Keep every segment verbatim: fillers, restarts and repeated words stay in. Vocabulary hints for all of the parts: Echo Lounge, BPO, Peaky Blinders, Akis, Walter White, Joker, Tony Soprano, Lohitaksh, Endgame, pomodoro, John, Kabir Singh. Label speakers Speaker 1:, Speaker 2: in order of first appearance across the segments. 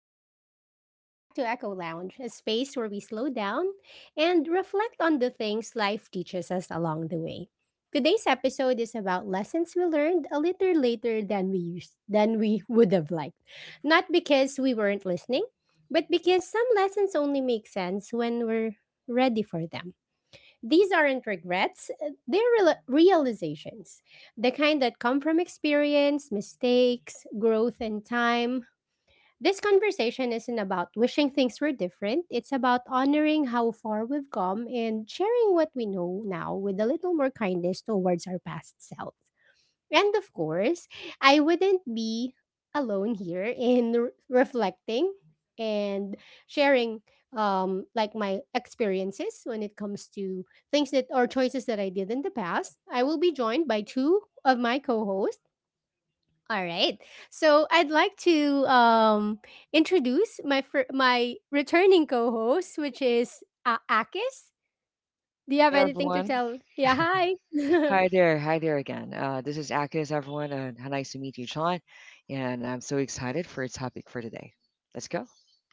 Speaker 1: Good morning. Welcome back to Echo Lounge, a space where we slow down and reflect on the things life teaches us along the way. Today's episode is about lessons we learned a little later than we used than we would have liked. Not because we weren't listening, but because some lessons only make sense when we're ready for them. These aren't regrets, uh, they're real- realizations. The kind that come from experience, mistakes, growth, and time. This conversation isn't about wishing things were different. It's about honoring how far we've come and sharing what we know now with a little more kindness towards our past self. And of course, I wouldn't be alone here in re- reflecting and sharing um like my experiences when it comes to things that or choices that I did in the past. I will be joined by two of my co-hosts. All right. So I'd like to um, introduce my fir- my returning co-host, which is uh, Akis. Do you have
Speaker 2: Hi
Speaker 1: anything to
Speaker 2: everyone.
Speaker 1: tell? Yeah. Hi.
Speaker 2: Hi there. Hi there again. Uh, this is Akis, everyone, and how nice to meet you, John. And I'm so excited for a topic for today. Let's go.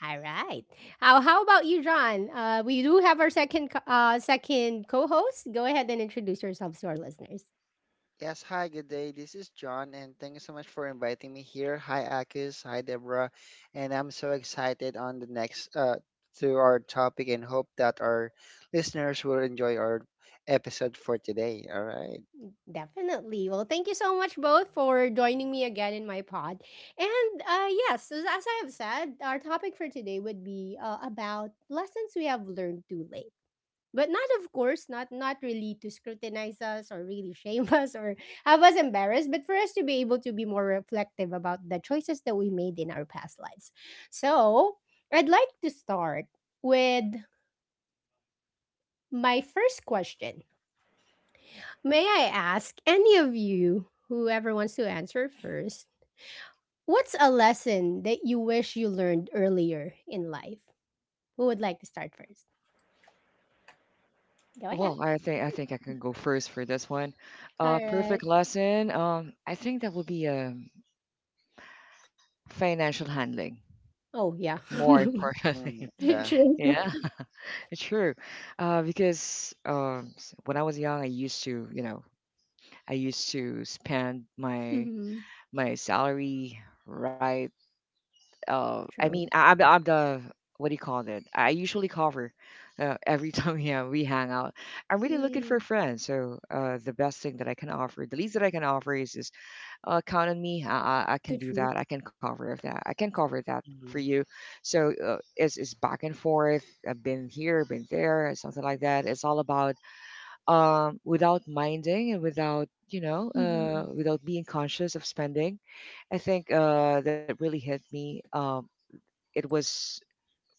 Speaker 1: All right. How how about you, John? Uh, we do have our second co- uh, second co-host. Go ahead and introduce yourselves to our listeners.
Speaker 3: Yes, hi, good day. This is John, and thank you so much for inviting me here. Hi, Akis. Hi, Deborah. And I'm so excited on the next uh, to our topic and hope that our listeners will enjoy our episode for today. All right.
Speaker 1: Definitely. Well, thank you so much both for joining me again in my pod. And uh, yes, as, as I have said, our topic for today would be uh, about lessons we have learned too late. But not of course, not not really to scrutinize us or really shame us or have us embarrassed, but for us to be able to be more reflective about the choices that we made in our past lives. So, I'd like to start with my first question. May I ask any of you, whoever wants to answer first, what's a lesson that you wish you learned earlier in life? Who would like to start first? Go
Speaker 2: Oh
Speaker 1: ahead.
Speaker 2: well, I think I think I can go first for this one. Uh,
Speaker 1: All right.
Speaker 2: perfect lesson. Um, I think that would be um, financial handling,
Speaker 1: Oh, yeah.
Speaker 2: more importantly.
Speaker 3: Mm, yeah.
Speaker 1: True.
Speaker 2: Yeah, it's true. Uh, because um, s- when I was young, I used to, you know, I used to spend my
Speaker 1: Mhm.
Speaker 2: my salary, right. uh, I
Speaker 1: True.
Speaker 2: mean, I, I'm I'm the, what do you call it? I usually cover uh, every time, yeah, we hang out. I'm really looking for
Speaker 1: Mm,
Speaker 2: friends, so uh, the best thing that I can offer, the least that I can offer, is is uh, count on
Speaker 1: to
Speaker 2: me. I,
Speaker 1: treat.
Speaker 2: I I can do that. I can cover of that. I can cover that for
Speaker 3: Mhm.
Speaker 2: you. So uh, it's it's back and forth. I've been here, been there, something like that. It's all about, um without minding and without you know
Speaker 1: Mhm.
Speaker 2: uh without being conscious of spending. I think uh, that really hit me. Um, it was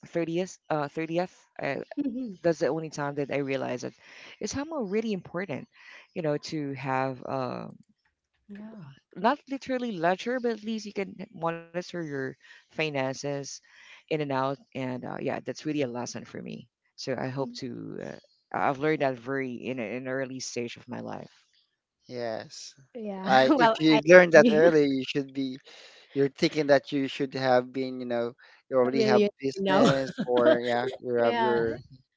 Speaker 2: 30th uh 30th uh,
Speaker 1: Mhm.
Speaker 2: that's the only time that I realized it. It is somehow really important, you know to have, uh
Speaker 1: Yeah.
Speaker 2: not literally ledger, but at least you can monitor your finances in and out. And uh, yeah, that's really a lesson for me. So I hope
Speaker 1: Mm.
Speaker 2: to uh, I've learned that very in a- in an early stage of my life.
Speaker 3: Yes.
Speaker 1: Yeah,
Speaker 3: I
Speaker 1: well,
Speaker 3: if
Speaker 1: I
Speaker 3: you learned that
Speaker 1: agree.
Speaker 3: early, you should be you're thinking that you should have been, you know, you
Speaker 1: A
Speaker 3: already have
Speaker 1: million, no.
Speaker 3: business, or yeah, you have
Speaker 1: Yeah.
Speaker 3: your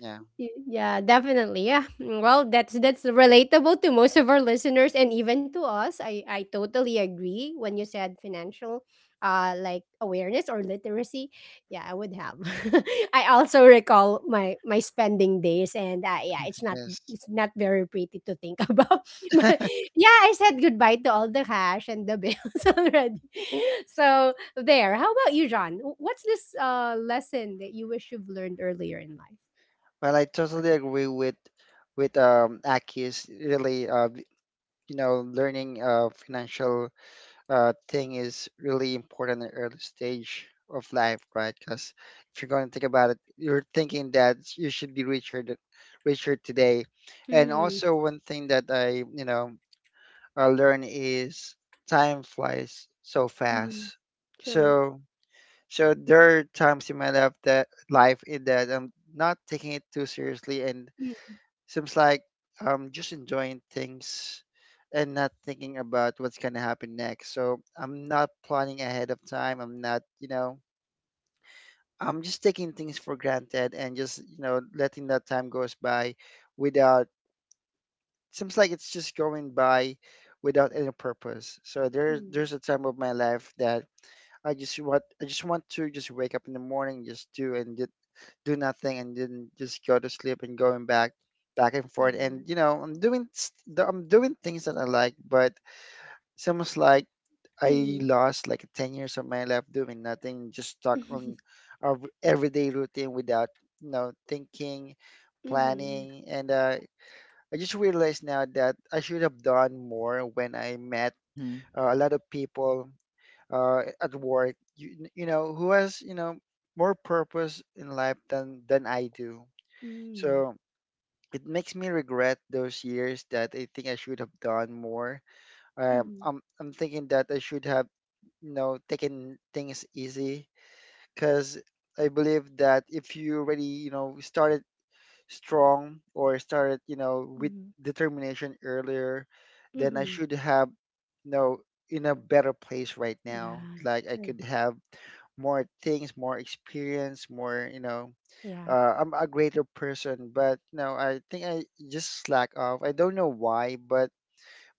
Speaker 3: yeah,
Speaker 1: Y- Yeah, definitely. Yeah. Mm, well, that's that's relatable to most of our listeners and even to us. I I totally agree when you said financial uh like awareness or literacy. Yeah, I would have. I also recall my my spending days and uh, yeah, it's not
Speaker 3: yes.
Speaker 1: it's not very pretty to think about. But yeah, I said goodbye to all the cash and the bills already. So, there. How about you, John? Wh- What's this uh lesson that you wish you've learned earlier in life?
Speaker 3: Well, I totally agree with with um Aki's really uh v- you know learning uh financial uh thing is really important at early stage of life, right? Because if you're going to think about it, you're thinking that you should be richer th- richer today, and also one thing that I you know uh, learn is time flies so fast.
Speaker 1: Mhm. True.
Speaker 3: So so there are times in my life that life in that I'm not taking it too seriously, and
Speaker 1: Mm,
Speaker 3: seems like I'm just enjoying things and not thinking about what's gonna happen next. So I'm not planning ahead of time. I'm not, you know, I'm just taking things for granted and just, you know, letting that time goes by without seems like it's just going by without any purpose. So there there's
Speaker 1: mm,
Speaker 3: a time of my life that I just want I just want to just wake up in the morning, just do and do nothing, and then just go to sleep and going back back and forth. And
Speaker 1: mm,
Speaker 3: you know i'm doing s- the- i'm doing things that I like, but it's almost like I
Speaker 1: mhm,
Speaker 3: lost like 10 years of my life doing nothing, just stuck on our everyday routine without you know thinking,
Speaker 1: mhm,
Speaker 3: planning. And uh, I just realized now that I should have done more when I met
Speaker 2: Hmm.
Speaker 3: uh, a lot of people uh, at work, you, you know who has you know more purpose in life than than I do.
Speaker 1: mm,
Speaker 3: So it makes me regret those years that I think I should have done more. Um,
Speaker 1: mhm,
Speaker 3: I'm I'm thinking that I should have, you know, taken things easy, because I believe that if you already, you know, started strong, or started, you know, with
Speaker 1: mhm,
Speaker 3: determination earlier, then I
Speaker 1: mhm.
Speaker 3: should have, you know, in a better place right now.
Speaker 1: Yeah,
Speaker 3: Like I
Speaker 1: true.
Speaker 3: could have more things, more experience, more, you know,
Speaker 1: Yeah.
Speaker 3: uh, I'm a greater person. But no, I think I just slack off. I don't know why, but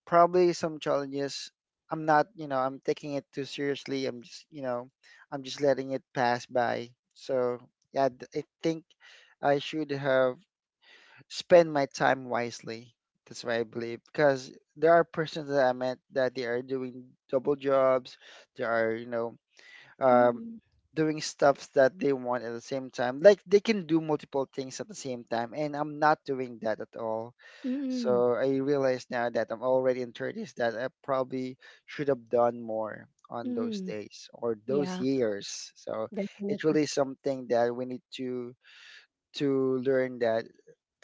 Speaker 3: probably some challenges. I'm not, you know, I'm taking it too seriously. I'm just, you know, I'm just letting it pass by. So yeah, th- I think I should have spent my time wisely. That's what I believe, because there are persons that I met that they are doing double jobs. They are, you know, um,
Speaker 1: Mm,
Speaker 3: doing stuff that they want at the same time. Like they can do multiple things at the same time, and I'm not doing that at all.
Speaker 1: mm,
Speaker 3: So I realize now that I'm already in thirties, that I probably should have done more on those
Speaker 1: mm.
Speaker 3: days or those
Speaker 1: Yeah,
Speaker 3: years. So it's
Speaker 1: definitely.
Speaker 3: really something that we need to to learn, that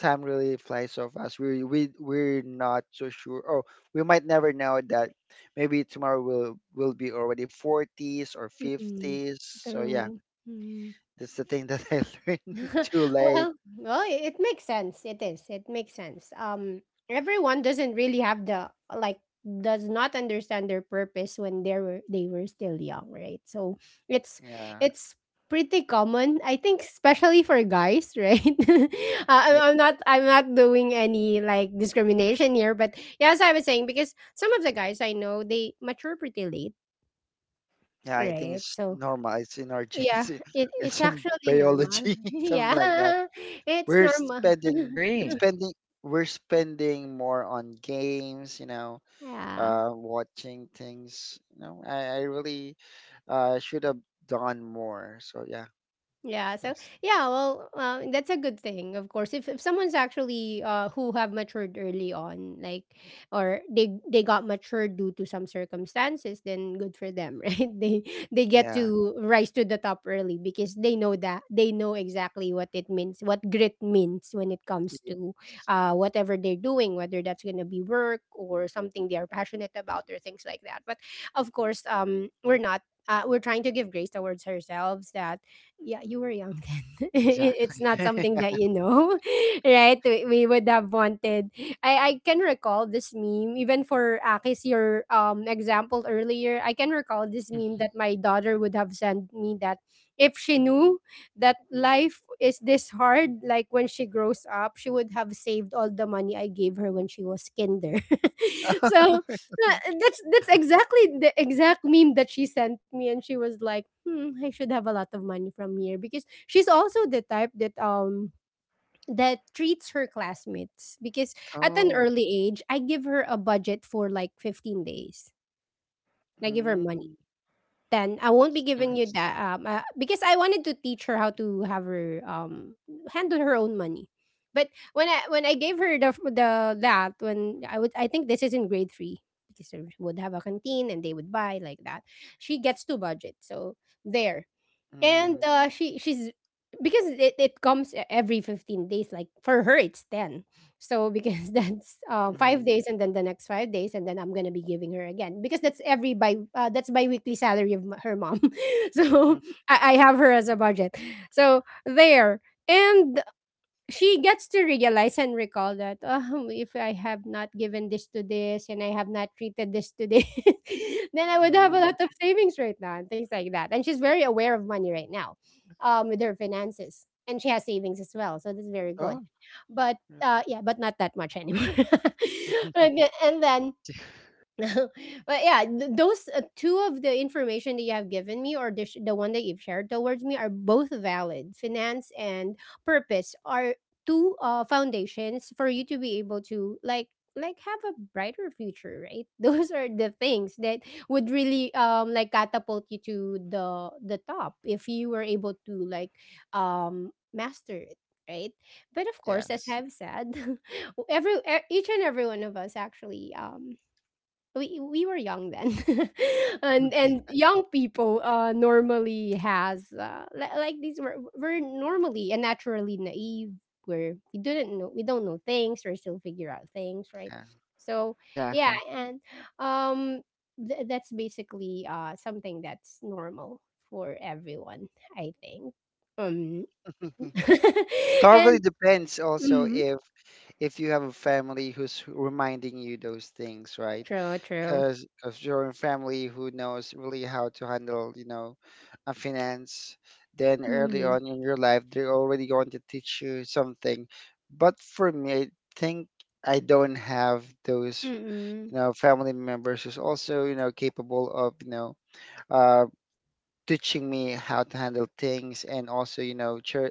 Speaker 3: time really flies so fast. We we we're not so sure. Oh, we might never know that. Maybe tomorrow will will be already forties or
Speaker 1: Mm,
Speaker 3: fifties. So yeah,
Speaker 1: true. Mm.
Speaker 3: that's the thing that I learned too late.
Speaker 1: Well, well, it makes sense. It is. It makes sense. Um, everyone doesn't really have the like does not understand their purpose when they were they were still young, right? So it's
Speaker 3: Yeah,
Speaker 1: it's pretty common, I think, especially for guys, right? uh, I'm,
Speaker 3: yeah.
Speaker 1: I'm not I'm not doing any like discrimination here, but yeah, as I was saying, because some of the guys I know they mature pretty late,
Speaker 3: Yeah, I think
Speaker 1: right?
Speaker 3: it's
Speaker 1: So
Speaker 3: normal. It's in our
Speaker 1: yeah,
Speaker 3: genes.
Speaker 1: it it's
Speaker 3: It's in
Speaker 1: actually normal.
Speaker 3: biology, something
Speaker 1: Yeah,
Speaker 3: like that.
Speaker 1: it's
Speaker 3: We're
Speaker 1: normal.
Speaker 3: spending. It's
Speaker 2: Agree.
Speaker 3: spending. We're spending more on games. You know,
Speaker 1: Yeah.
Speaker 3: uh, watching things. You know, I, I really uh, should have done more. So yeah,
Speaker 1: Yeah. So
Speaker 3: yes,
Speaker 1: yeah. Well, uh, that's a good thing, of course. If if someone's actually uh who have matured early on, like, or they they got matured due to some circumstances, then good for them, right? They they get
Speaker 3: yeah.
Speaker 1: to rise to the top early because they know that they know exactly what it means, what grit means when it comes to uh whatever they're doing, whether that's gonna be work or something they are passionate about or things like that. But of course, um, we're not. Uh, we're trying to give grace towards ourselves that yeah, you were young then. It
Speaker 2: Exactly.
Speaker 1: it's not something that you know, right? We, we would have wanted. I I can recall this meme even for Akis your um example earlier. I can recall this meme that my daughter would have sent me that if she knew that life is this hard, like when she grows up, she would have saved all the money I gave her when she was kinder. So
Speaker 3: Oh,
Speaker 1: yeah, that's
Speaker 2: Yeah.
Speaker 1: that's exactly the exact meme that she sent me, and she was like, "Hmm, I should have a lot of money from here," because she's also the type that um that treats her classmates. Because at an
Speaker 3: oh,
Speaker 1: early age, I give her a budget for like fifteen days. I give her money
Speaker 3: mm,
Speaker 1: then I won't be giving
Speaker 2: Mhm.
Speaker 1: you
Speaker 3: nice.
Speaker 1: that um uh, because I wanted to teach her how to have her um handle her own money. But when I when I gave her the the that when I would, I think this is in grade three because they would have a canteen and they would buy like that. She gets to budget. So there. And,
Speaker 3: Mm,
Speaker 1: uh, she she's because it it comes e every fifteen days, like, for her, it's ten. So, because that's, uh,
Speaker 3: mm-hmm,
Speaker 1: five days and then the next five days, and then I'm gonna be giving her again because that's every by uh, that's biweekly salary of m her mom. So, I I have her as a budget. So, there. And she gets to realize and recall that um, if I have not given this to this and I have not treated this to this, then I would have a lot of
Speaker 3: mm-hmm.
Speaker 1: savings right now and things like that. And she's very aware of money right now um, with her finances. And she has savings as well. So that's very good.
Speaker 3: Oh,
Speaker 1: But uh, yeah, but not that much anymore. and, then- and then
Speaker 2: Yes.
Speaker 1: But yeah, th- those uh, two of the information that you have given me, or the, sh- the one that you've shared towards me, are both valid. Finance and purpose are two uh, foundations for you to be able to like like have a brighter future, right? Those are the things that would really um like catapult you to the the top if you were able to like um master it, right? But of course, as
Speaker 3: yes,
Speaker 1: I've said, every e- each and every one of us actually um we we were young then, and and
Speaker 3: yeah.
Speaker 1: young people uh normally has uh li- like these were, we're normally and naturally naive, where we didn't know we don't know things or still figure out things, right? So yeah,
Speaker 2: Exactly.
Speaker 1: and um th- that's basically uh something that's normal for everyone, I think. um
Speaker 3: Probably
Speaker 1: and
Speaker 3: depends also
Speaker 1: mm,
Speaker 3: if if you have a family who's reminding you those things, right?
Speaker 1: true true.
Speaker 3: Because of your own family who knows really how to handle, you know, uh, finance. Then early
Speaker 1: mm,
Speaker 3: on in your life, they're already going to teach you something. But for me, I think I don't have those,
Speaker 1: mm,
Speaker 3: you know, family members who's also, you know, capable of, you know, uh, teaching me how to handle things, and also, you know, cher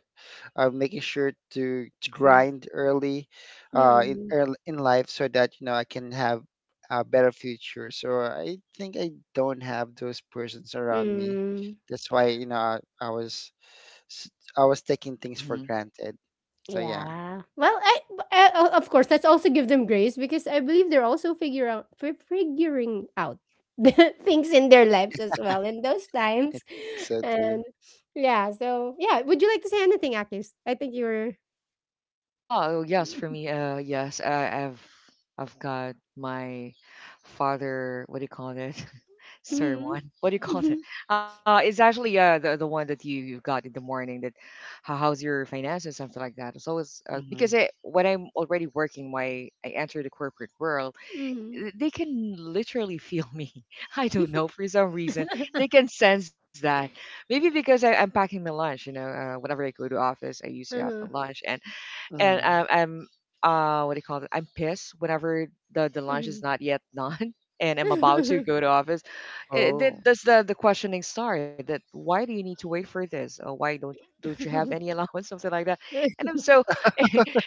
Speaker 3: I making sure to to
Speaker 1: mm,
Speaker 3: grind early, uh, in
Speaker 1: mm,
Speaker 3: early in life, so that you know I can have a better future. So I think I don't have those persons around me.
Speaker 1: mm.
Speaker 3: That's why you know I, I was s- I was taking things for granted. So yeah,
Speaker 1: Yeah. Well, I, b- I o- of course let's also give them grace because I believe they're also figure out fi- figuring out the things in their lives as well in those
Speaker 3: I
Speaker 1: times.
Speaker 3: think so too.
Speaker 1: And yeah, so yeah, would you like to say anything, Akis? I think you were.
Speaker 2: Wow, yes, for me, uh, yes, I, I've I've got my father. What do you call it?
Speaker 1: Mm-hmm.
Speaker 2: Sermon. What do you
Speaker 1: Mm-hmm.
Speaker 2: call it? Uh, it's actually uh the, the one that you you got in the morning. That, how, how's your finances, something like that. So it's always, uh, because
Speaker 3: Mm-hmm.
Speaker 2: I, when I'm already working, why I enter the corporate world,
Speaker 1: Mm-hmm.
Speaker 2: th- they can literally feel me. I don't know, for some reason they can sense that. Maybe because I, I'm packing my lunch. You know, uh, whenever I go to office, I usually have my
Speaker 1: Uh-huh.
Speaker 2: lunch, and and
Speaker 3: Mm.
Speaker 2: um, I'm uh what do you call it? I'm pissed whenever the the lunch
Speaker 1: Mm-hmm.
Speaker 2: is not yet done and I'm about to go to office. It, it,
Speaker 3: Oh,
Speaker 2: that's the the questioning start. That, why do you need to wait for this? Or why don't don't you have any allowance, something like that? And I'm so,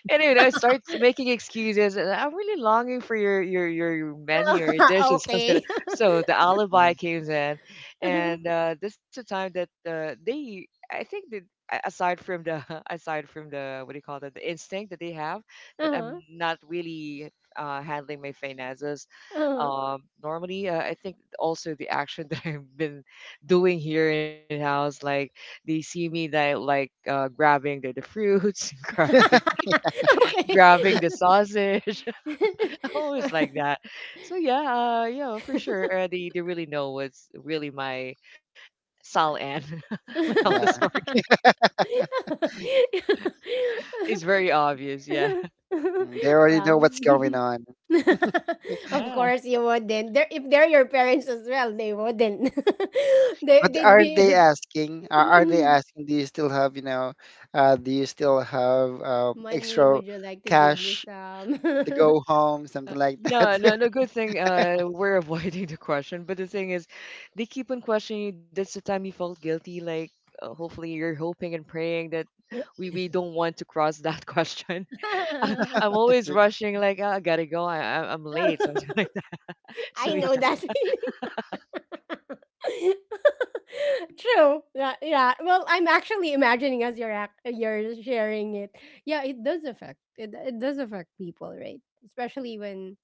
Speaker 2: and you know it starts making excuses, and I'm really longing for your your your menu or your dish or something like,
Speaker 1: okay.
Speaker 2: so the alibi
Speaker 3: mm,
Speaker 2: comes in. And uh this is the time that, uh, they I think that, a- aside from the aside from the, what do you call that, the instinct that they have, that I'm
Speaker 1: uh-huh.
Speaker 2: not really uh, handling my finances
Speaker 1: Uh-huh.
Speaker 2: um normally, uh, I think also the action that I've been doing here in house, like they see me that, like, uh grabbing the, the fruits, grabbing grabbing the sausage, always like
Speaker 1: okay.
Speaker 2: that. So yeah, uh, yeah, for sure. Uh, the the really know was really my Sal Ann when I was
Speaker 3: yeah.
Speaker 2: working. It's very obvious. Yeah.
Speaker 3: Mm, they already know
Speaker 1: Well,
Speaker 3: what's going on.
Speaker 1: of
Speaker 2: Yeah.
Speaker 1: course you wouldn't. They're, if they're your parents as well, they wouldn't. They
Speaker 3: But
Speaker 1: they'd
Speaker 3: aren't
Speaker 1: be
Speaker 3: they asking? a- Aren't they asking, do you still have, you know, uh, do you still have uh,
Speaker 1: money.
Speaker 3: extra
Speaker 1: Would you like to give me
Speaker 3: cash
Speaker 1: some?
Speaker 3: to go home, something like that?
Speaker 2: No, no, no, good thing uh, we're avoiding the question. But the thing is, they keep on questioning you. That's the time you felt guilty. Like, uh, hopefully, you're hoping and praying that we we don't want to cross that question. I'm
Speaker 3: It's
Speaker 2: always
Speaker 3: like,
Speaker 2: rushing. Like, "Ah, I gotta go. I I- I'm late." Something like that. So
Speaker 1: I know that feeling. True. Yeah, yeah. Well, I'm actually imagining as you're act- you're sharing it. Yeah, it does affect. It it does affect people, right? Especially when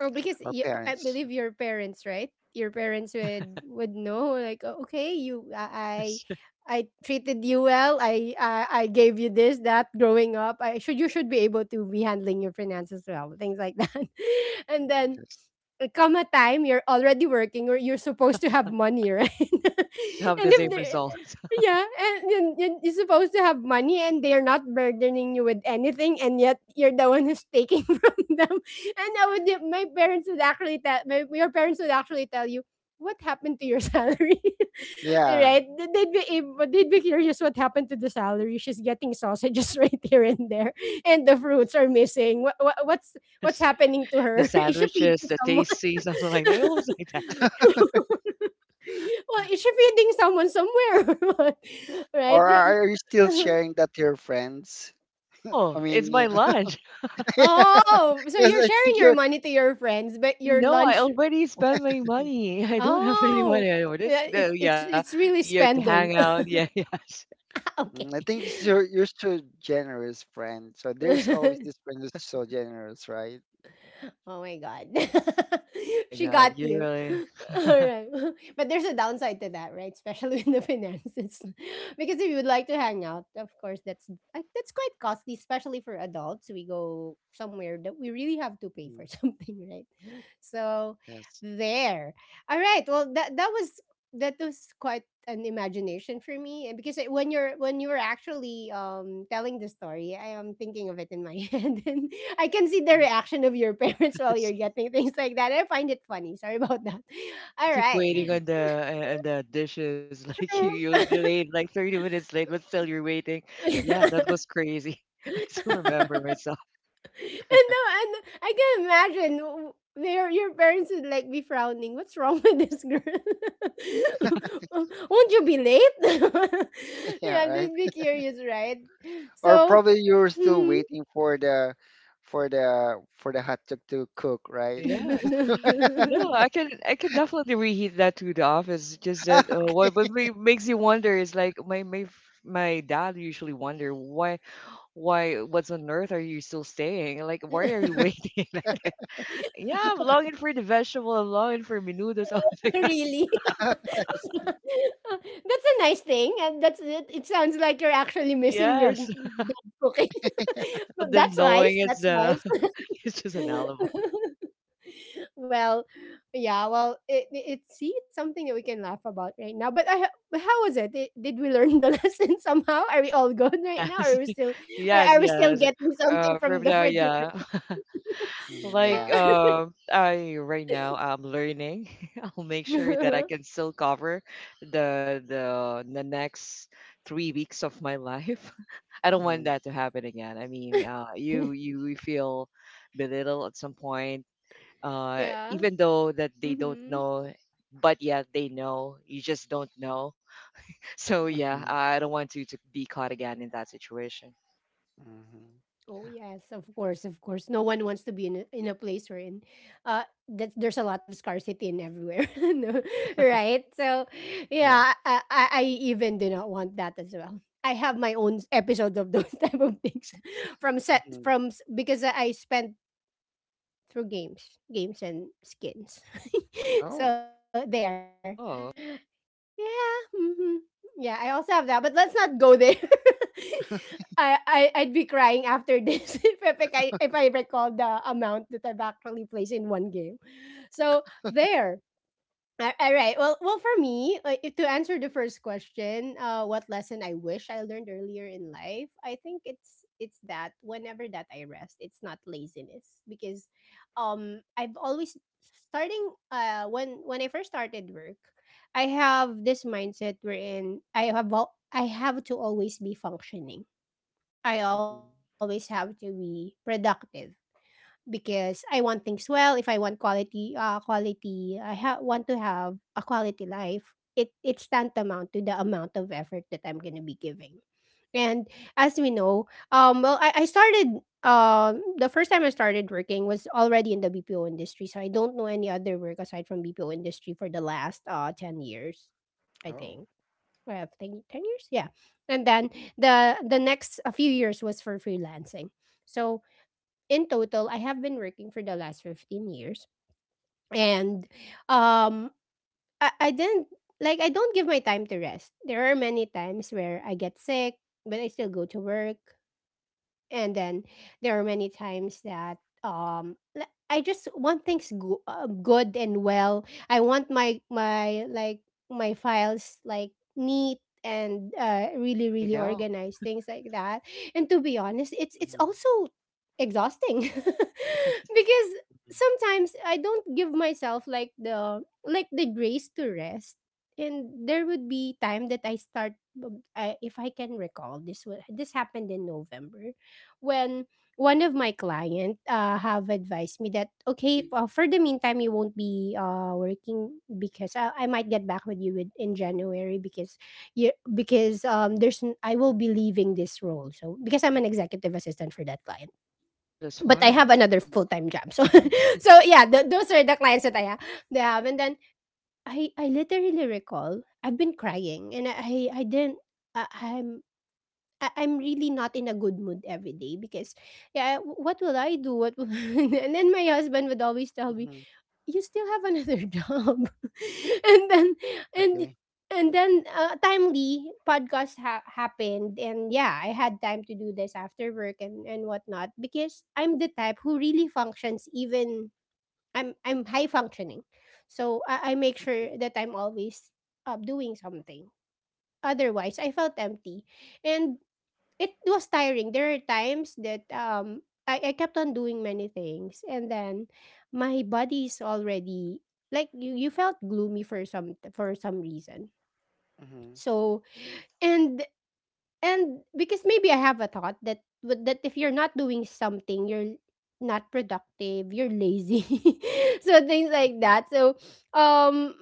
Speaker 1: oh, because
Speaker 3: or
Speaker 1: you, I
Speaker 3: parents?
Speaker 1: believe your parents, right? Your parents would would know like, "Oh, okay, you I I
Speaker 2: yes.
Speaker 1: I treated you well. I, I I gave you this that growing up. I should you should be able to be handling your finances well, things like that. And then
Speaker 3: Yes.
Speaker 1: come a time you're already working or you're supposed to have money, right?
Speaker 2: Don't have
Speaker 1: And
Speaker 2: the
Speaker 1: if
Speaker 3: Mm.
Speaker 2: same
Speaker 1: they
Speaker 2: result.
Speaker 1: yeah, and you- you- you're supposed to have money and they're not burdening you with anything and yet you're the one who's taking from them. And I
Speaker 2: Yes.
Speaker 1: would my parents would actually tell my your parents would actually tell you, what happened to your salary?
Speaker 3: Yeah.
Speaker 1: Right? They- They'd be able, they'd be curious what happened to the salary. She's getting sausages right here and there, and the fruits are missing. What, what what's what's happening to
Speaker 2: The
Speaker 1: her? Is she
Speaker 2: sandwiches,
Speaker 1: feeding
Speaker 2: the
Speaker 1: someone?
Speaker 2: tasty, something like that. It was like that.
Speaker 1: Well, if you're feeding someone somewhere, right?
Speaker 3: Or
Speaker 1: Y-
Speaker 3: are are you still
Speaker 1: y-
Speaker 3: sharing that to your friends? I
Speaker 2: No, it's
Speaker 3: mean,
Speaker 2: my
Speaker 3: yeah.
Speaker 2: lunch.
Speaker 1: Oh, so
Speaker 3: because
Speaker 1: you're
Speaker 3: I think
Speaker 1: sharing your
Speaker 3: you're,
Speaker 1: money to your friends, but your
Speaker 2: No, I
Speaker 1: lunch.
Speaker 2: already spent my money. I don't have any
Speaker 1: Oh,
Speaker 2: money anymore. This,
Speaker 1: yeah,
Speaker 2: no,
Speaker 1: it's it's
Speaker 2: yeah,
Speaker 1: it's
Speaker 2: you
Speaker 1: really
Speaker 2: have to hang
Speaker 1: spending.
Speaker 2: out. Yeah, yes.
Speaker 1: okay.
Speaker 3: mm, I think you're you're so generous, friend. So there's always this friend who's so generous, right?
Speaker 1: Oh my god.
Speaker 2: Oh my
Speaker 1: She
Speaker 2: God,
Speaker 1: got
Speaker 2: you
Speaker 1: you.
Speaker 2: really.
Speaker 1: All right. But there's a downside to that, right? Especially in the finances. Because if you would like to hang out, of course that's like, that's quite costly, especially for adults. We go somewhere that we really have to pay
Speaker 3: Mm,
Speaker 1: for something, right? So
Speaker 3: yes.
Speaker 1: there. All right. Well, that that was that was quite an imagination for me, and because it- when you're when you're actually um telling the story, I am thinking of it in my head, and I can see the
Speaker 3: Mm,
Speaker 1: reaction of your parents while
Speaker 2: It's,
Speaker 1: you're getting things like that. I find it funny, sorry about that.
Speaker 2: like you
Speaker 1: All
Speaker 2: keep
Speaker 1: right.
Speaker 2: waiting on the, uh, on the dishes. Like, you,
Speaker 1: True.
Speaker 2: you'll be late, like thirty minutes late, but still you're waiting. Yeah, that was crazy. I still remember myself.
Speaker 1: and no and I can imagine w- where your parents would like be frowning, what's wrong with this girl?
Speaker 2: Yeah.
Speaker 1: Won't you be late?
Speaker 3: yeah.
Speaker 1: Yeah,
Speaker 3: Right.
Speaker 1: they'd be curious, right?
Speaker 3: Or
Speaker 1: So
Speaker 3: probably you're still
Speaker 1: mhm.
Speaker 3: waiting for the for the for the hot dog to cook, right?
Speaker 2: Yeah. Yeah, I can I can definitely reheat that to the office. Just
Speaker 3: I
Speaker 2: that, uh, what what ma- makes you wonder is, like, my my f- my dad usually wonder why, why what's on earth are you still staying? Like, why are you waiting? Like, yeah, I'm longing for the vegetable. I'm longing for menudo. Something like that.
Speaker 1: Really?
Speaker 3: see.
Speaker 1: That's a nice thing, and that's it. It sounds like you're actually missing your
Speaker 2: Yes,
Speaker 1: dad cooking. But
Speaker 2: without them
Speaker 1: that's nice.
Speaker 2: knowing, it's
Speaker 1: That's
Speaker 2: uh
Speaker 1: nice.
Speaker 2: it's just an alibi.
Speaker 1: Well, yeah. Well, it, it it- see, it's something that we can laugh about right now. But I, ha- but how was it? Did, did we learn the lesson somehow? Are we all good right
Speaker 2: Yes,
Speaker 1: now? Are we still? Are,
Speaker 2: yes,
Speaker 1: are we still
Speaker 2: yes.
Speaker 1: getting something
Speaker 2: Uh,
Speaker 1: from
Speaker 2: from
Speaker 1: the
Speaker 2: the,
Speaker 1: refrigerator?
Speaker 2: yeah.
Speaker 3: Mhm,
Speaker 2: Like,
Speaker 3: yeah.
Speaker 2: uh, I right now I'm learning. I'll make sure that I can still cover the the the next three weeks of my life. I don't want
Speaker 3: Hmm.
Speaker 2: that to happen again. I mean, uh, you you feel belittled at some
Speaker 1: Yeah.
Speaker 2: point, uh,
Speaker 1: Mm-hmm.
Speaker 2: even though that they don't know, but yet they know. You just don't know. So yeah,
Speaker 3: Hmm.
Speaker 2: I don't want you to be caught again in that situation.
Speaker 1: Oh
Speaker 3: Hmm.
Speaker 1: yes, of course, of course. No one wants to be in a, in a place where in uh that there's a lot of scarcity in everywhere, no, right? So
Speaker 3: Yeah. Yes.
Speaker 1: yeah, I, I I even do not want that as well. I have my own episode of those type of things from set
Speaker 3: Hmm.
Speaker 1: from s- because I spent through games, games and skins.
Speaker 3: Oh.
Speaker 1: So there.
Speaker 2: Oh,
Speaker 1: Yeah. Hmm. Yeah, I also have that, but let's not go there. I, I I'd be crying after this if, I- if I if I recall the amount that I've actually placed in one game. So there. A- All right. Well, well, for me, like, if to answer the first question, uh, what lesson I wish I learned earlier in life, I think it's it's that whenever that I rest, it's not laziness because, um, I've always starting uh when when I first started work, I have this mindset wherein I have al- I have to always be functioning. I
Speaker 3: Mhm.
Speaker 1: always have to be productive because I want things well. If I want quality, uh, quality, I ha- want to have a quality life. It it's tantamount to the amount of effort that I'm gonna be giving. And as we know, um, well, I, I started um the first time I started working was already in the B P O industry, so I don't know any other work aside from B P O industry for the last uh ten years, I
Speaker 3: Oh.
Speaker 1: think. I think ten years, yeah. And then the the next a few years was for freelancing. So in total, I have been working for the last fifteen years. And um I, I didn't like I don't give my time to rest. There are many times where I get sick, but I still go to work, and then there are many times that um l- I just want things go- uh, good and well. I want my my like my files like neat and uh, really really
Speaker 2: I know.
Speaker 1: organized, things like that. And to be honest, it's it's
Speaker 3: Mhm.
Speaker 1: also exhausting because
Speaker 3: Mhm.
Speaker 1: sometimes I don't give myself like the like the grace to rest. And there would be time that I start um, I, if I can recall this, wa- this happened in November when one of my client uh, have advised me that okay, uh, for the meantime you won't be uh, working because I, I might get back with you with, in January because you because um there's n- I will be leaving this role, so because I'm an executive assistant for that client,
Speaker 2: Oh, that's
Speaker 1: but I
Speaker 3: Mhm.
Speaker 2: why.
Speaker 1: have another
Speaker 3: Mhm.
Speaker 1: full time job, so so yeah, th- those are the clients that I have they have. And then I I literally recall I've been crying, and I I didn't I, I'm I- I'm really not in a good mood every day because, yeah, w- what will I do? What will... And then my husband would always tell me,
Speaker 3: Mhm.
Speaker 1: "You still have another job," and then and
Speaker 3: Okay.
Speaker 1: and then uh, timely podcast ha- happened, and yeah, I had time to do this after work and and whatnot because I'm the type who really functions even I'm I'm high functioning, so I, I make
Speaker 3: Mm-hmm.
Speaker 1: sure that I'm always uh, doing something. Otherwise, I felt empty, and it was tiring. There are times that um I, I kept on doing many things, and then my body's already like you, you felt gloomy for some for some reason.
Speaker 3: Mm-hmm.
Speaker 1: So and and because maybe I have a thought that w- that if you're not doing something, you're not productive, you're lazy. So things like that. So um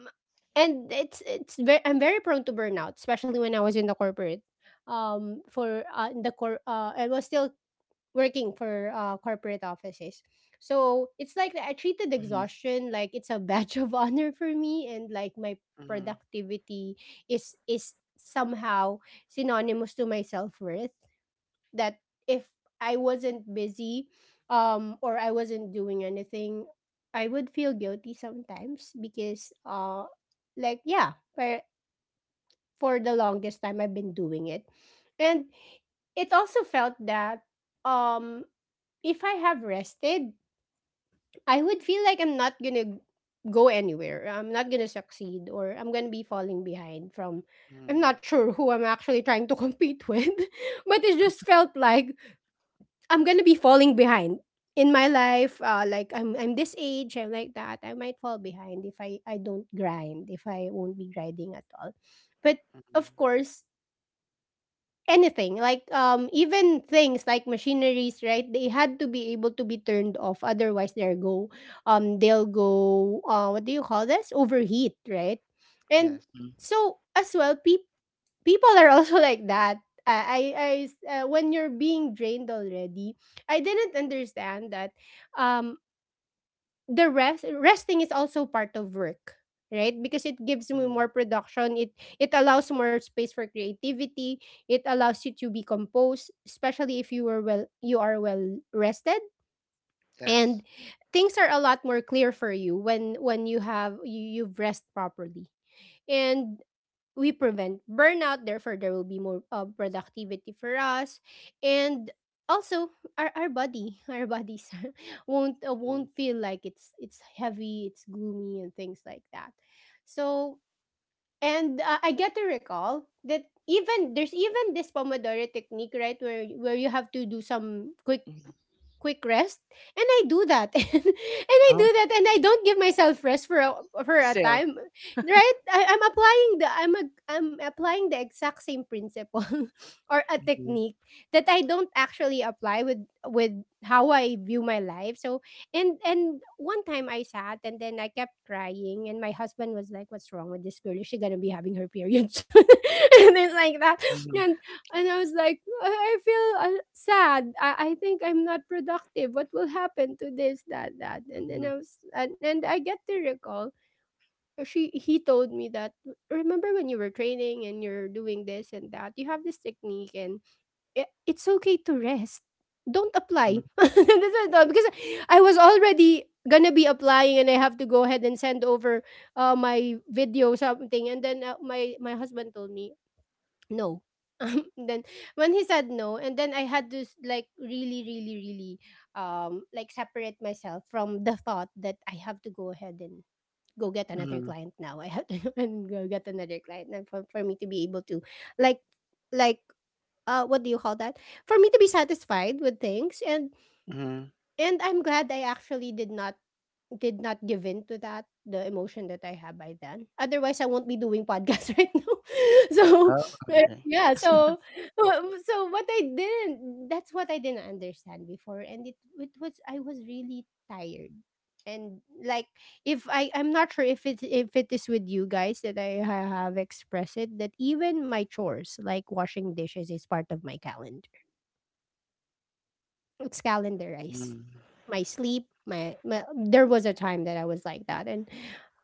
Speaker 1: and it's it's very I'm very prone to burnout, especially when I was in the corporate um for uh, in the cor uh I was still working for uh, corporate offices. So it's like I treated
Speaker 2: Hmm.
Speaker 1: exhaustion like it's a badge of honor for me, and like my
Speaker 3: Mm-hmm.
Speaker 1: productivity is is somehow synonymous to my self worth. That if I wasn't busy, um, or I wasn't doing anything, I would feel guilty sometimes because, uh, like yeah, for for the longest time I've been doing it, and it also felt that um if I have rested, I would feel like I'm not gonna go anywhere. I'm not gonna succeed, or I'm gonna be falling behind from I'm not
Speaker 3: Mm-hmm.
Speaker 1: sure who I'm actually trying to compete with. But it just felt like I'm gonna be falling behind in my life. Uh, like I'm I'm this age, I'm like that. I might fall behind if I, I don't grind, if I won't be grinding at all. But of
Speaker 3: Mm-hmm.
Speaker 1: course, anything like um even things like machineries, right, they had to be able to be turned off, otherwise they'll go um they'll go uh what do you call this, overheat, right? And
Speaker 3: Yes.
Speaker 1: so as well pe- people are also like that. Uh, i i s- uh, when you're being drained already, I didn't understand that um the rest resting is also part of work, right, because it gives me
Speaker 3: Mm-hmm.
Speaker 1: more production. it it allows more space for creativity. It allows you to be composed, especially if you were well you are well rested,
Speaker 3: Yes.
Speaker 1: and things are a lot more clear for you when when you have you, you've rest properly. And we prevent burnout, therefore there will be more uh, productivity for us. And also our, our body our bodies won't uh,
Speaker 3: Mm-hmm.
Speaker 1: won't feel like it's it's heavy, it's gloomy, and things like that. So and uh, I get to recall that even there's even this pomodoro technique, right, where where you have to do some quick
Speaker 2: Hmm.
Speaker 1: quick rest. And I do that, and, I do
Speaker 3: Oh.
Speaker 1: that, and I don't give myself rest for a, for a
Speaker 2: Still.
Speaker 1: time, right? I, i'm applying the i'm a, I'm applying the exact same principle or a
Speaker 3: Mm-hmm.
Speaker 1: technique that I don't actually apply with with how I view my life. So and and one time I sat and then I kept crying, and my husband was like, "What's wrong with this girl, is she gonna be having her period soon?" And then like that.
Speaker 3: Mm-hmm.
Speaker 1: and and I was like, I feel uh, sad. I, I think I'm not productive. What will happen to this, that, that? And then I was, and, and I get to recall uh, she he told me that, remember when you were training and you're doing this and that, you have this technique, and it, it's okay to rest. Don't apply.
Speaker 3: Mm-hmm.
Speaker 1: That's what I thought, because I was already gonna be applying and I have to go ahead and send over uh, my video something. And then uh, my my husband told me no. Um, then when he said no and then I had to s- like really really really um like separate myself from the thought that I have to go ahead and go get another client, now I have to and go get another client, and for, for me to be able to like like uh what do you call that, for me to be satisfied with things. and
Speaker 3: Mm-hmm.
Speaker 1: and I'm glad I actually did not did not give in to that, the emotion that I have by then. Otherwise, I won't be doing podcasts right now.
Speaker 3: Oh.
Speaker 1: So,
Speaker 3: Okay.
Speaker 1: eh, yeah,
Speaker 2: Yeah.
Speaker 1: so wha- so what I didn't that's what I didn't understand before, and it it was I was really tired. And like if I I'm not sure if it if it is with you guys that I ha- have expressed it that even my chores like washing dishes is part of my calendar. It's calendarized.
Speaker 3: Mm-hmm.
Speaker 1: My sleep, my, my there was a time that I was like that, and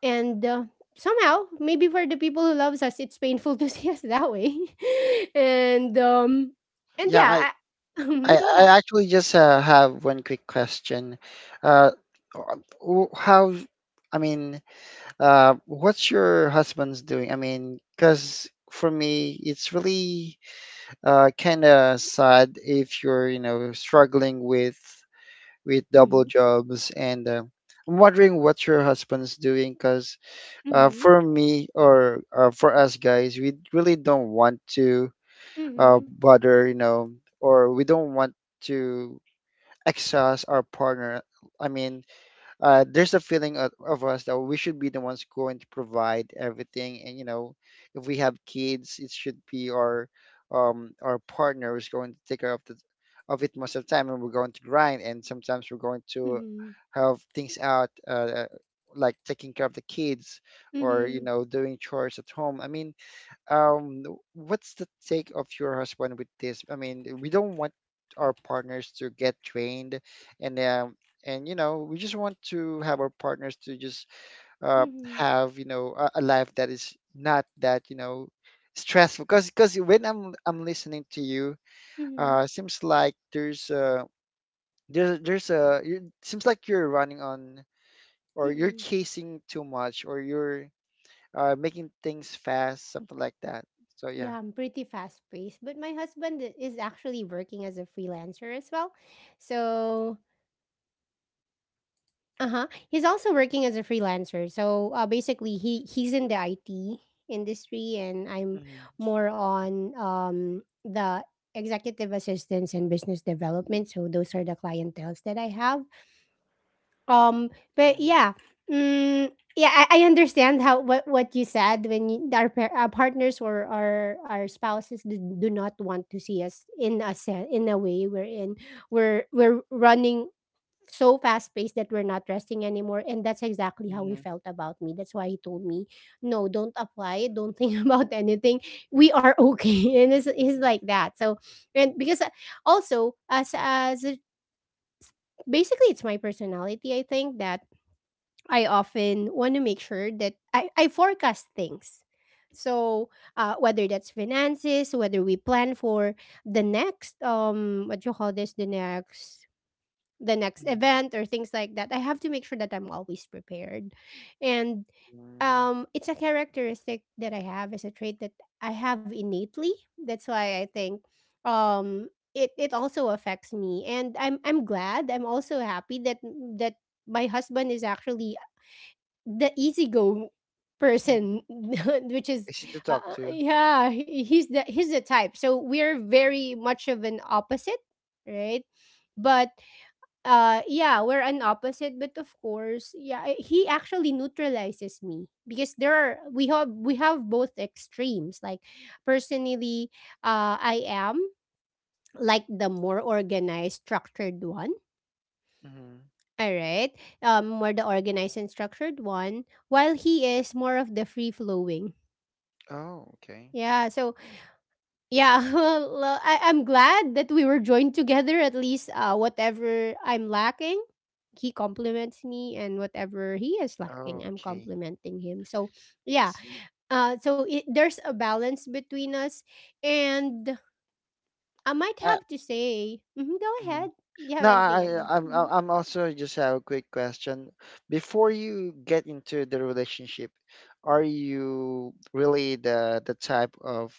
Speaker 1: and uh, somehow maybe for the people who loves us, it's painful to see us that way, and um and
Speaker 3: Yeah, I,
Speaker 1: yeah, I,
Speaker 3: I,
Speaker 1: mhm, go ahead.
Speaker 3: I actually just uh, have one quick question. Uh, uh, w- how, I mean, uh, what's your husband's doing? I mean, because for me, it's really uh, kind of sad if you're, you know, struggling with with double
Speaker 1: hmm
Speaker 3: jobs. And uh, I'm wondering what your husband's doing, because uh,
Speaker 1: hmm
Speaker 3: for me or uh, for us guys, we really don't want to uh,
Speaker 1: hmm
Speaker 3: bother, you know, or we don't want to exhaust our partner. I mean, uh, there's a feeling of, of us that we should be the ones going to provide everything, and you know, if we have kids, it should be our um, our partner who's going to take care of the of it most of the time, and we're going to grind, and sometimes we're going to
Speaker 1: hmm
Speaker 3: have things out, uh, uh, like taking care of the kids, or you
Speaker 1: hmm
Speaker 3: know doing chores at home. I mean, um, what's the take of your husband with this? I mean, we don't want our partners to get trained, and um, and you know, we just want to have our partners to just uh,
Speaker 1: hmm
Speaker 3: have you know a, a life that is not that you know stressful. Because because when I'm I'm listening to you,
Speaker 1: hmm
Speaker 3: uh, seems like there's uh there's there's a you seems like you're running on, or you're
Speaker 1: hmm
Speaker 3: chasing too much, or you're uh, making things fast, something like that. So yeah.
Speaker 2: Uh-huh.
Speaker 1: Yeah, I'm pretty fast paced, but my husband i- is actually working as a freelancer as well. So uh-huh. He's also
Speaker 2: Agree.
Speaker 1: working as a freelancer. So, uh, basically he he's in the I T industry and I'm more on um the executive assistance and business development. So those are the clientels that I have. Um but
Speaker 3: Mm,
Speaker 1: yeah, mm, yeah, I, I understand how what, what you said when you, our, par- our partners or our our spouses do, do not want to see us in a se- in a way wherein we're we're running so fast paced that we're not resting anymore. And that's exactly how he
Speaker 3: mhm.
Speaker 1: felt about me. That's why he told me, no, don't apply. Don't think about anything. We are okay. And it's, it's like that. So,
Speaker 2: Mhm.
Speaker 1: and because uh, also, as, as a- basically, it's my personality, I think, that I often want to make sure that I, I forecast things. So uh, whether that's finances, whether we plan for the next um what you call this, the next the next
Speaker 3: Mhm.
Speaker 1: event or things
Speaker 2: Agenda,
Speaker 1: like that. I have to
Speaker 2: uh-huh.
Speaker 1: make sure that I'm always prepared. And
Speaker 3: Mhm. Mm.
Speaker 1: um it's a characteristic that I have as a trait that I have innately. That's why I think um it it also affects me and I'm I'm glad. I'm also happy that that my husband is actually the easy go
Speaker 3: Mm.
Speaker 1: person which is
Speaker 3: Easy to
Speaker 1: uh,
Speaker 3: talk
Speaker 1: uh,
Speaker 3: to.
Speaker 1: yeah, he- he's the he's the type, so we're very much of an opposite, right, but uh, yeah, we're an opposite, but of course, yeah, I- he actually neutralizes me because there are we have we have both extremes. Like personally, uh, I am like the more organized, structured one.
Speaker 3: Mhm.
Speaker 1: All right, um,
Speaker 2: Uh-huh.
Speaker 1: more the organized and
Speaker 2: Agree,
Speaker 1: structured
Speaker 2: agree.
Speaker 1: one, while he is more of the free flowing.
Speaker 3: Oh, okay.
Speaker 1: Yeah, so yeah, well, uh, I, I'm glad that we were joined together. At least, uh, whatever I'm lacking, he compliments me, and whatever he is lacking,
Speaker 3: Oh,
Speaker 1: I'm
Speaker 3: okay.
Speaker 1: complimenting him. So,
Speaker 3: I
Speaker 1: yeah,
Speaker 3: see.
Speaker 1: uh, so it, there's a balance between us, and I might
Speaker 3: I,
Speaker 1: have to say, mhm, go
Speaker 3: mhm.
Speaker 1: ahead. You have
Speaker 3: No,
Speaker 1: anything?
Speaker 3: I,
Speaker 1: Anna?
Speaker 3: I- I'm, I'm
Speaker 1: Mhm.
Speaker 3: I'm also just have a quick question. Before you get into the relationship, are you really the the type of,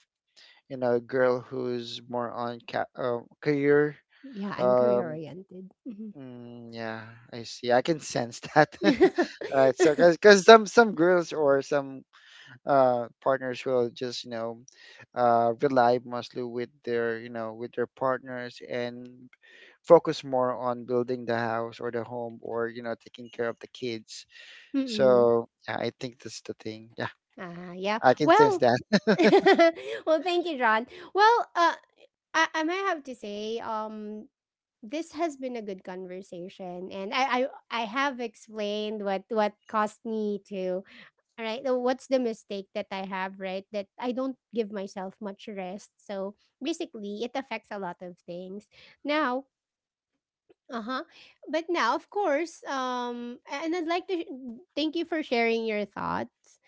Speaker 3: you know, girl who's more on ca uh, career?
Speaker 1: Yeah, I'm career
Speaker 3: Um,
Speaker 1: oriented. hmm
Speaker 3: mm, yeah, I see. I can sense that. Alright. So, cause cause some some girls or some uh, partners will just you know uh, rely mostly with
Speaker 2: Mhm.
Speaker 3: their you know with their partners, and focus more on building the house or the home, or you know taking care of the kids.
Speaker 1: mm
Speaker 3: So yeah, I think that's the thing. Yeah,
Speaker 1: Ah, yeah.
Speaker 3: I can sense
Speaker 1: Well,
Speaker 3: that.
Speaker 1: well, thank you, John. Well, uh, I, I might have to say, um, this has been a good conversation, and I, I I have explained what what caused me to all right. uh, What's the mistake that I have, right? That I don't give myself much rest. So basically, it affects a lot of things. Now, uh-huh. But now, of course, um and I'd like to sh- mm, thank you for sharing your thoughts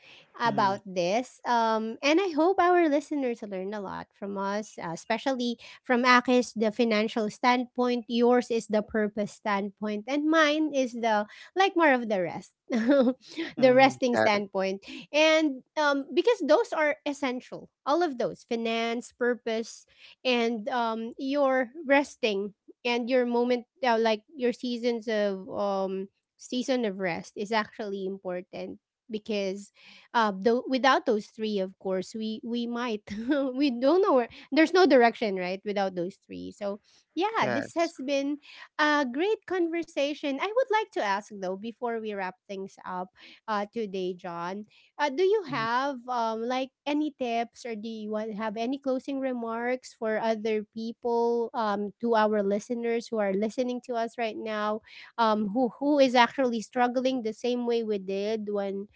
Speaker 3: Mhm,
Speaker 1: about this. Um and I hope our listeners learn a lot from us, uh, especially from Akis the financial standpoint, yours is the purpose standpoint, and mine is the like more of the rest. The
Speaker 3: mhm,
Speaker 1: resting
Speaker 3: got it.
Speaker 1: standpoint. And um because those are essential. All of those, finance, purpose, and um your resting and your moment uh, like your seasons of um season of rest is actually important because uh the, without those three, of course, we we might we don't know where, there's no direction, right, without those three.
Speaker 2: Exactly,
Speaker 1: So
Speaker 2: exactly.
Speaker 1: yeah, this
Speaker 3: Yes.
Speaker 1: has been a
Speaker 2: Mhm.
Speaker 1: great conversation. I would like to ask, though, before we wrap things up uh today, John, uh, do you
Speaker 3: Mhm.
Speaker 1: have um like any tips, or do you want have any closing remarks for other people, um to our listeners who are listening to us right now, um who who is actually struggling the same way we did when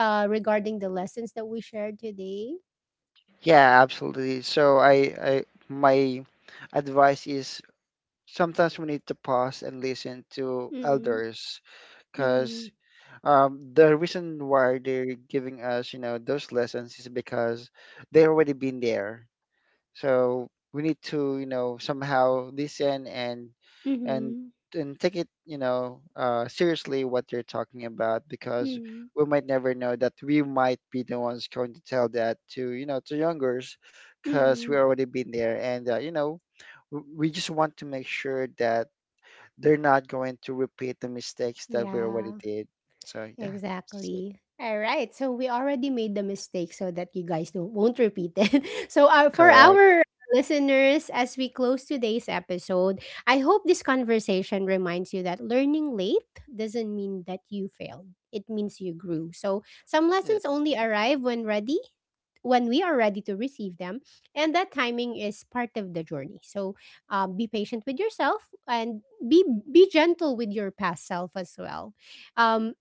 Speaker 1: uh regarding the lessons that we shared today?
Speaker 3: Yeah, absolutely. So I, I, my advice is, sometimes we need to pause and listen to
Speaker 1: Mm.
Speaker 3: elders, because
Speaker 1: Mm.
Speaker 3: um, the reason why they're giving us, you know, those lessons is because they already been there. So we need to, you know, somehow listen and and
Speaker 1: Mm.
Speaker 3: and take it, you know, uh, seriously what they're talking about,
Speaker 1: Mm.
Speaker 3: because
Speaker 1: Mm.
Speaker 3: we might never know that we might be the ones going to tell that to, you know, to youngers, because we
Speaker 1: Mm.
Speaker 3: already been there, and uh, you know, w- we just want to make sure that they're not going to repeat the mistakes that we already
Speaker 1: Yeah.
Speaker 3: did. So yeah, that's it.
Speaker 1: Exactly. All right. So we already made the mistake so that you guys don't won't repeat it. So uh, for
Speaker 3: Correct.
Speaker 1: our listeners, as we close today's episode, I hope this conversation reminds you that learning late doesn't mean that you failed. It means you grew. So some
Speaker 3: Yes.
Speaker 1: lessons only arrive when ready, when we are ready to receive them, and that timing is part of the journey. So um, be patient with yourself
Speaker 2: Agree, agree.
Speaker 1: and be be gentle with your past self as well. Um,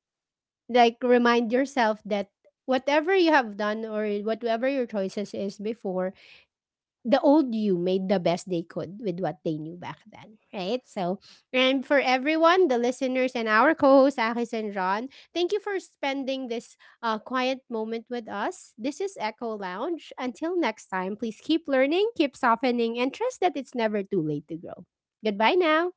Speaker 1: like remind yourself that whatever you have done or whatever your choices is before, the old you made the best they could with what they knew back then, right? So, and for everyone, the listeners, and our co-hosts Akis and Ron, thank you for spending this uh, quiet moment with us. This is Echo Lounge. Until next time, please keep learning, keep softening, and trust that it's never too late to grow. Goodbye now.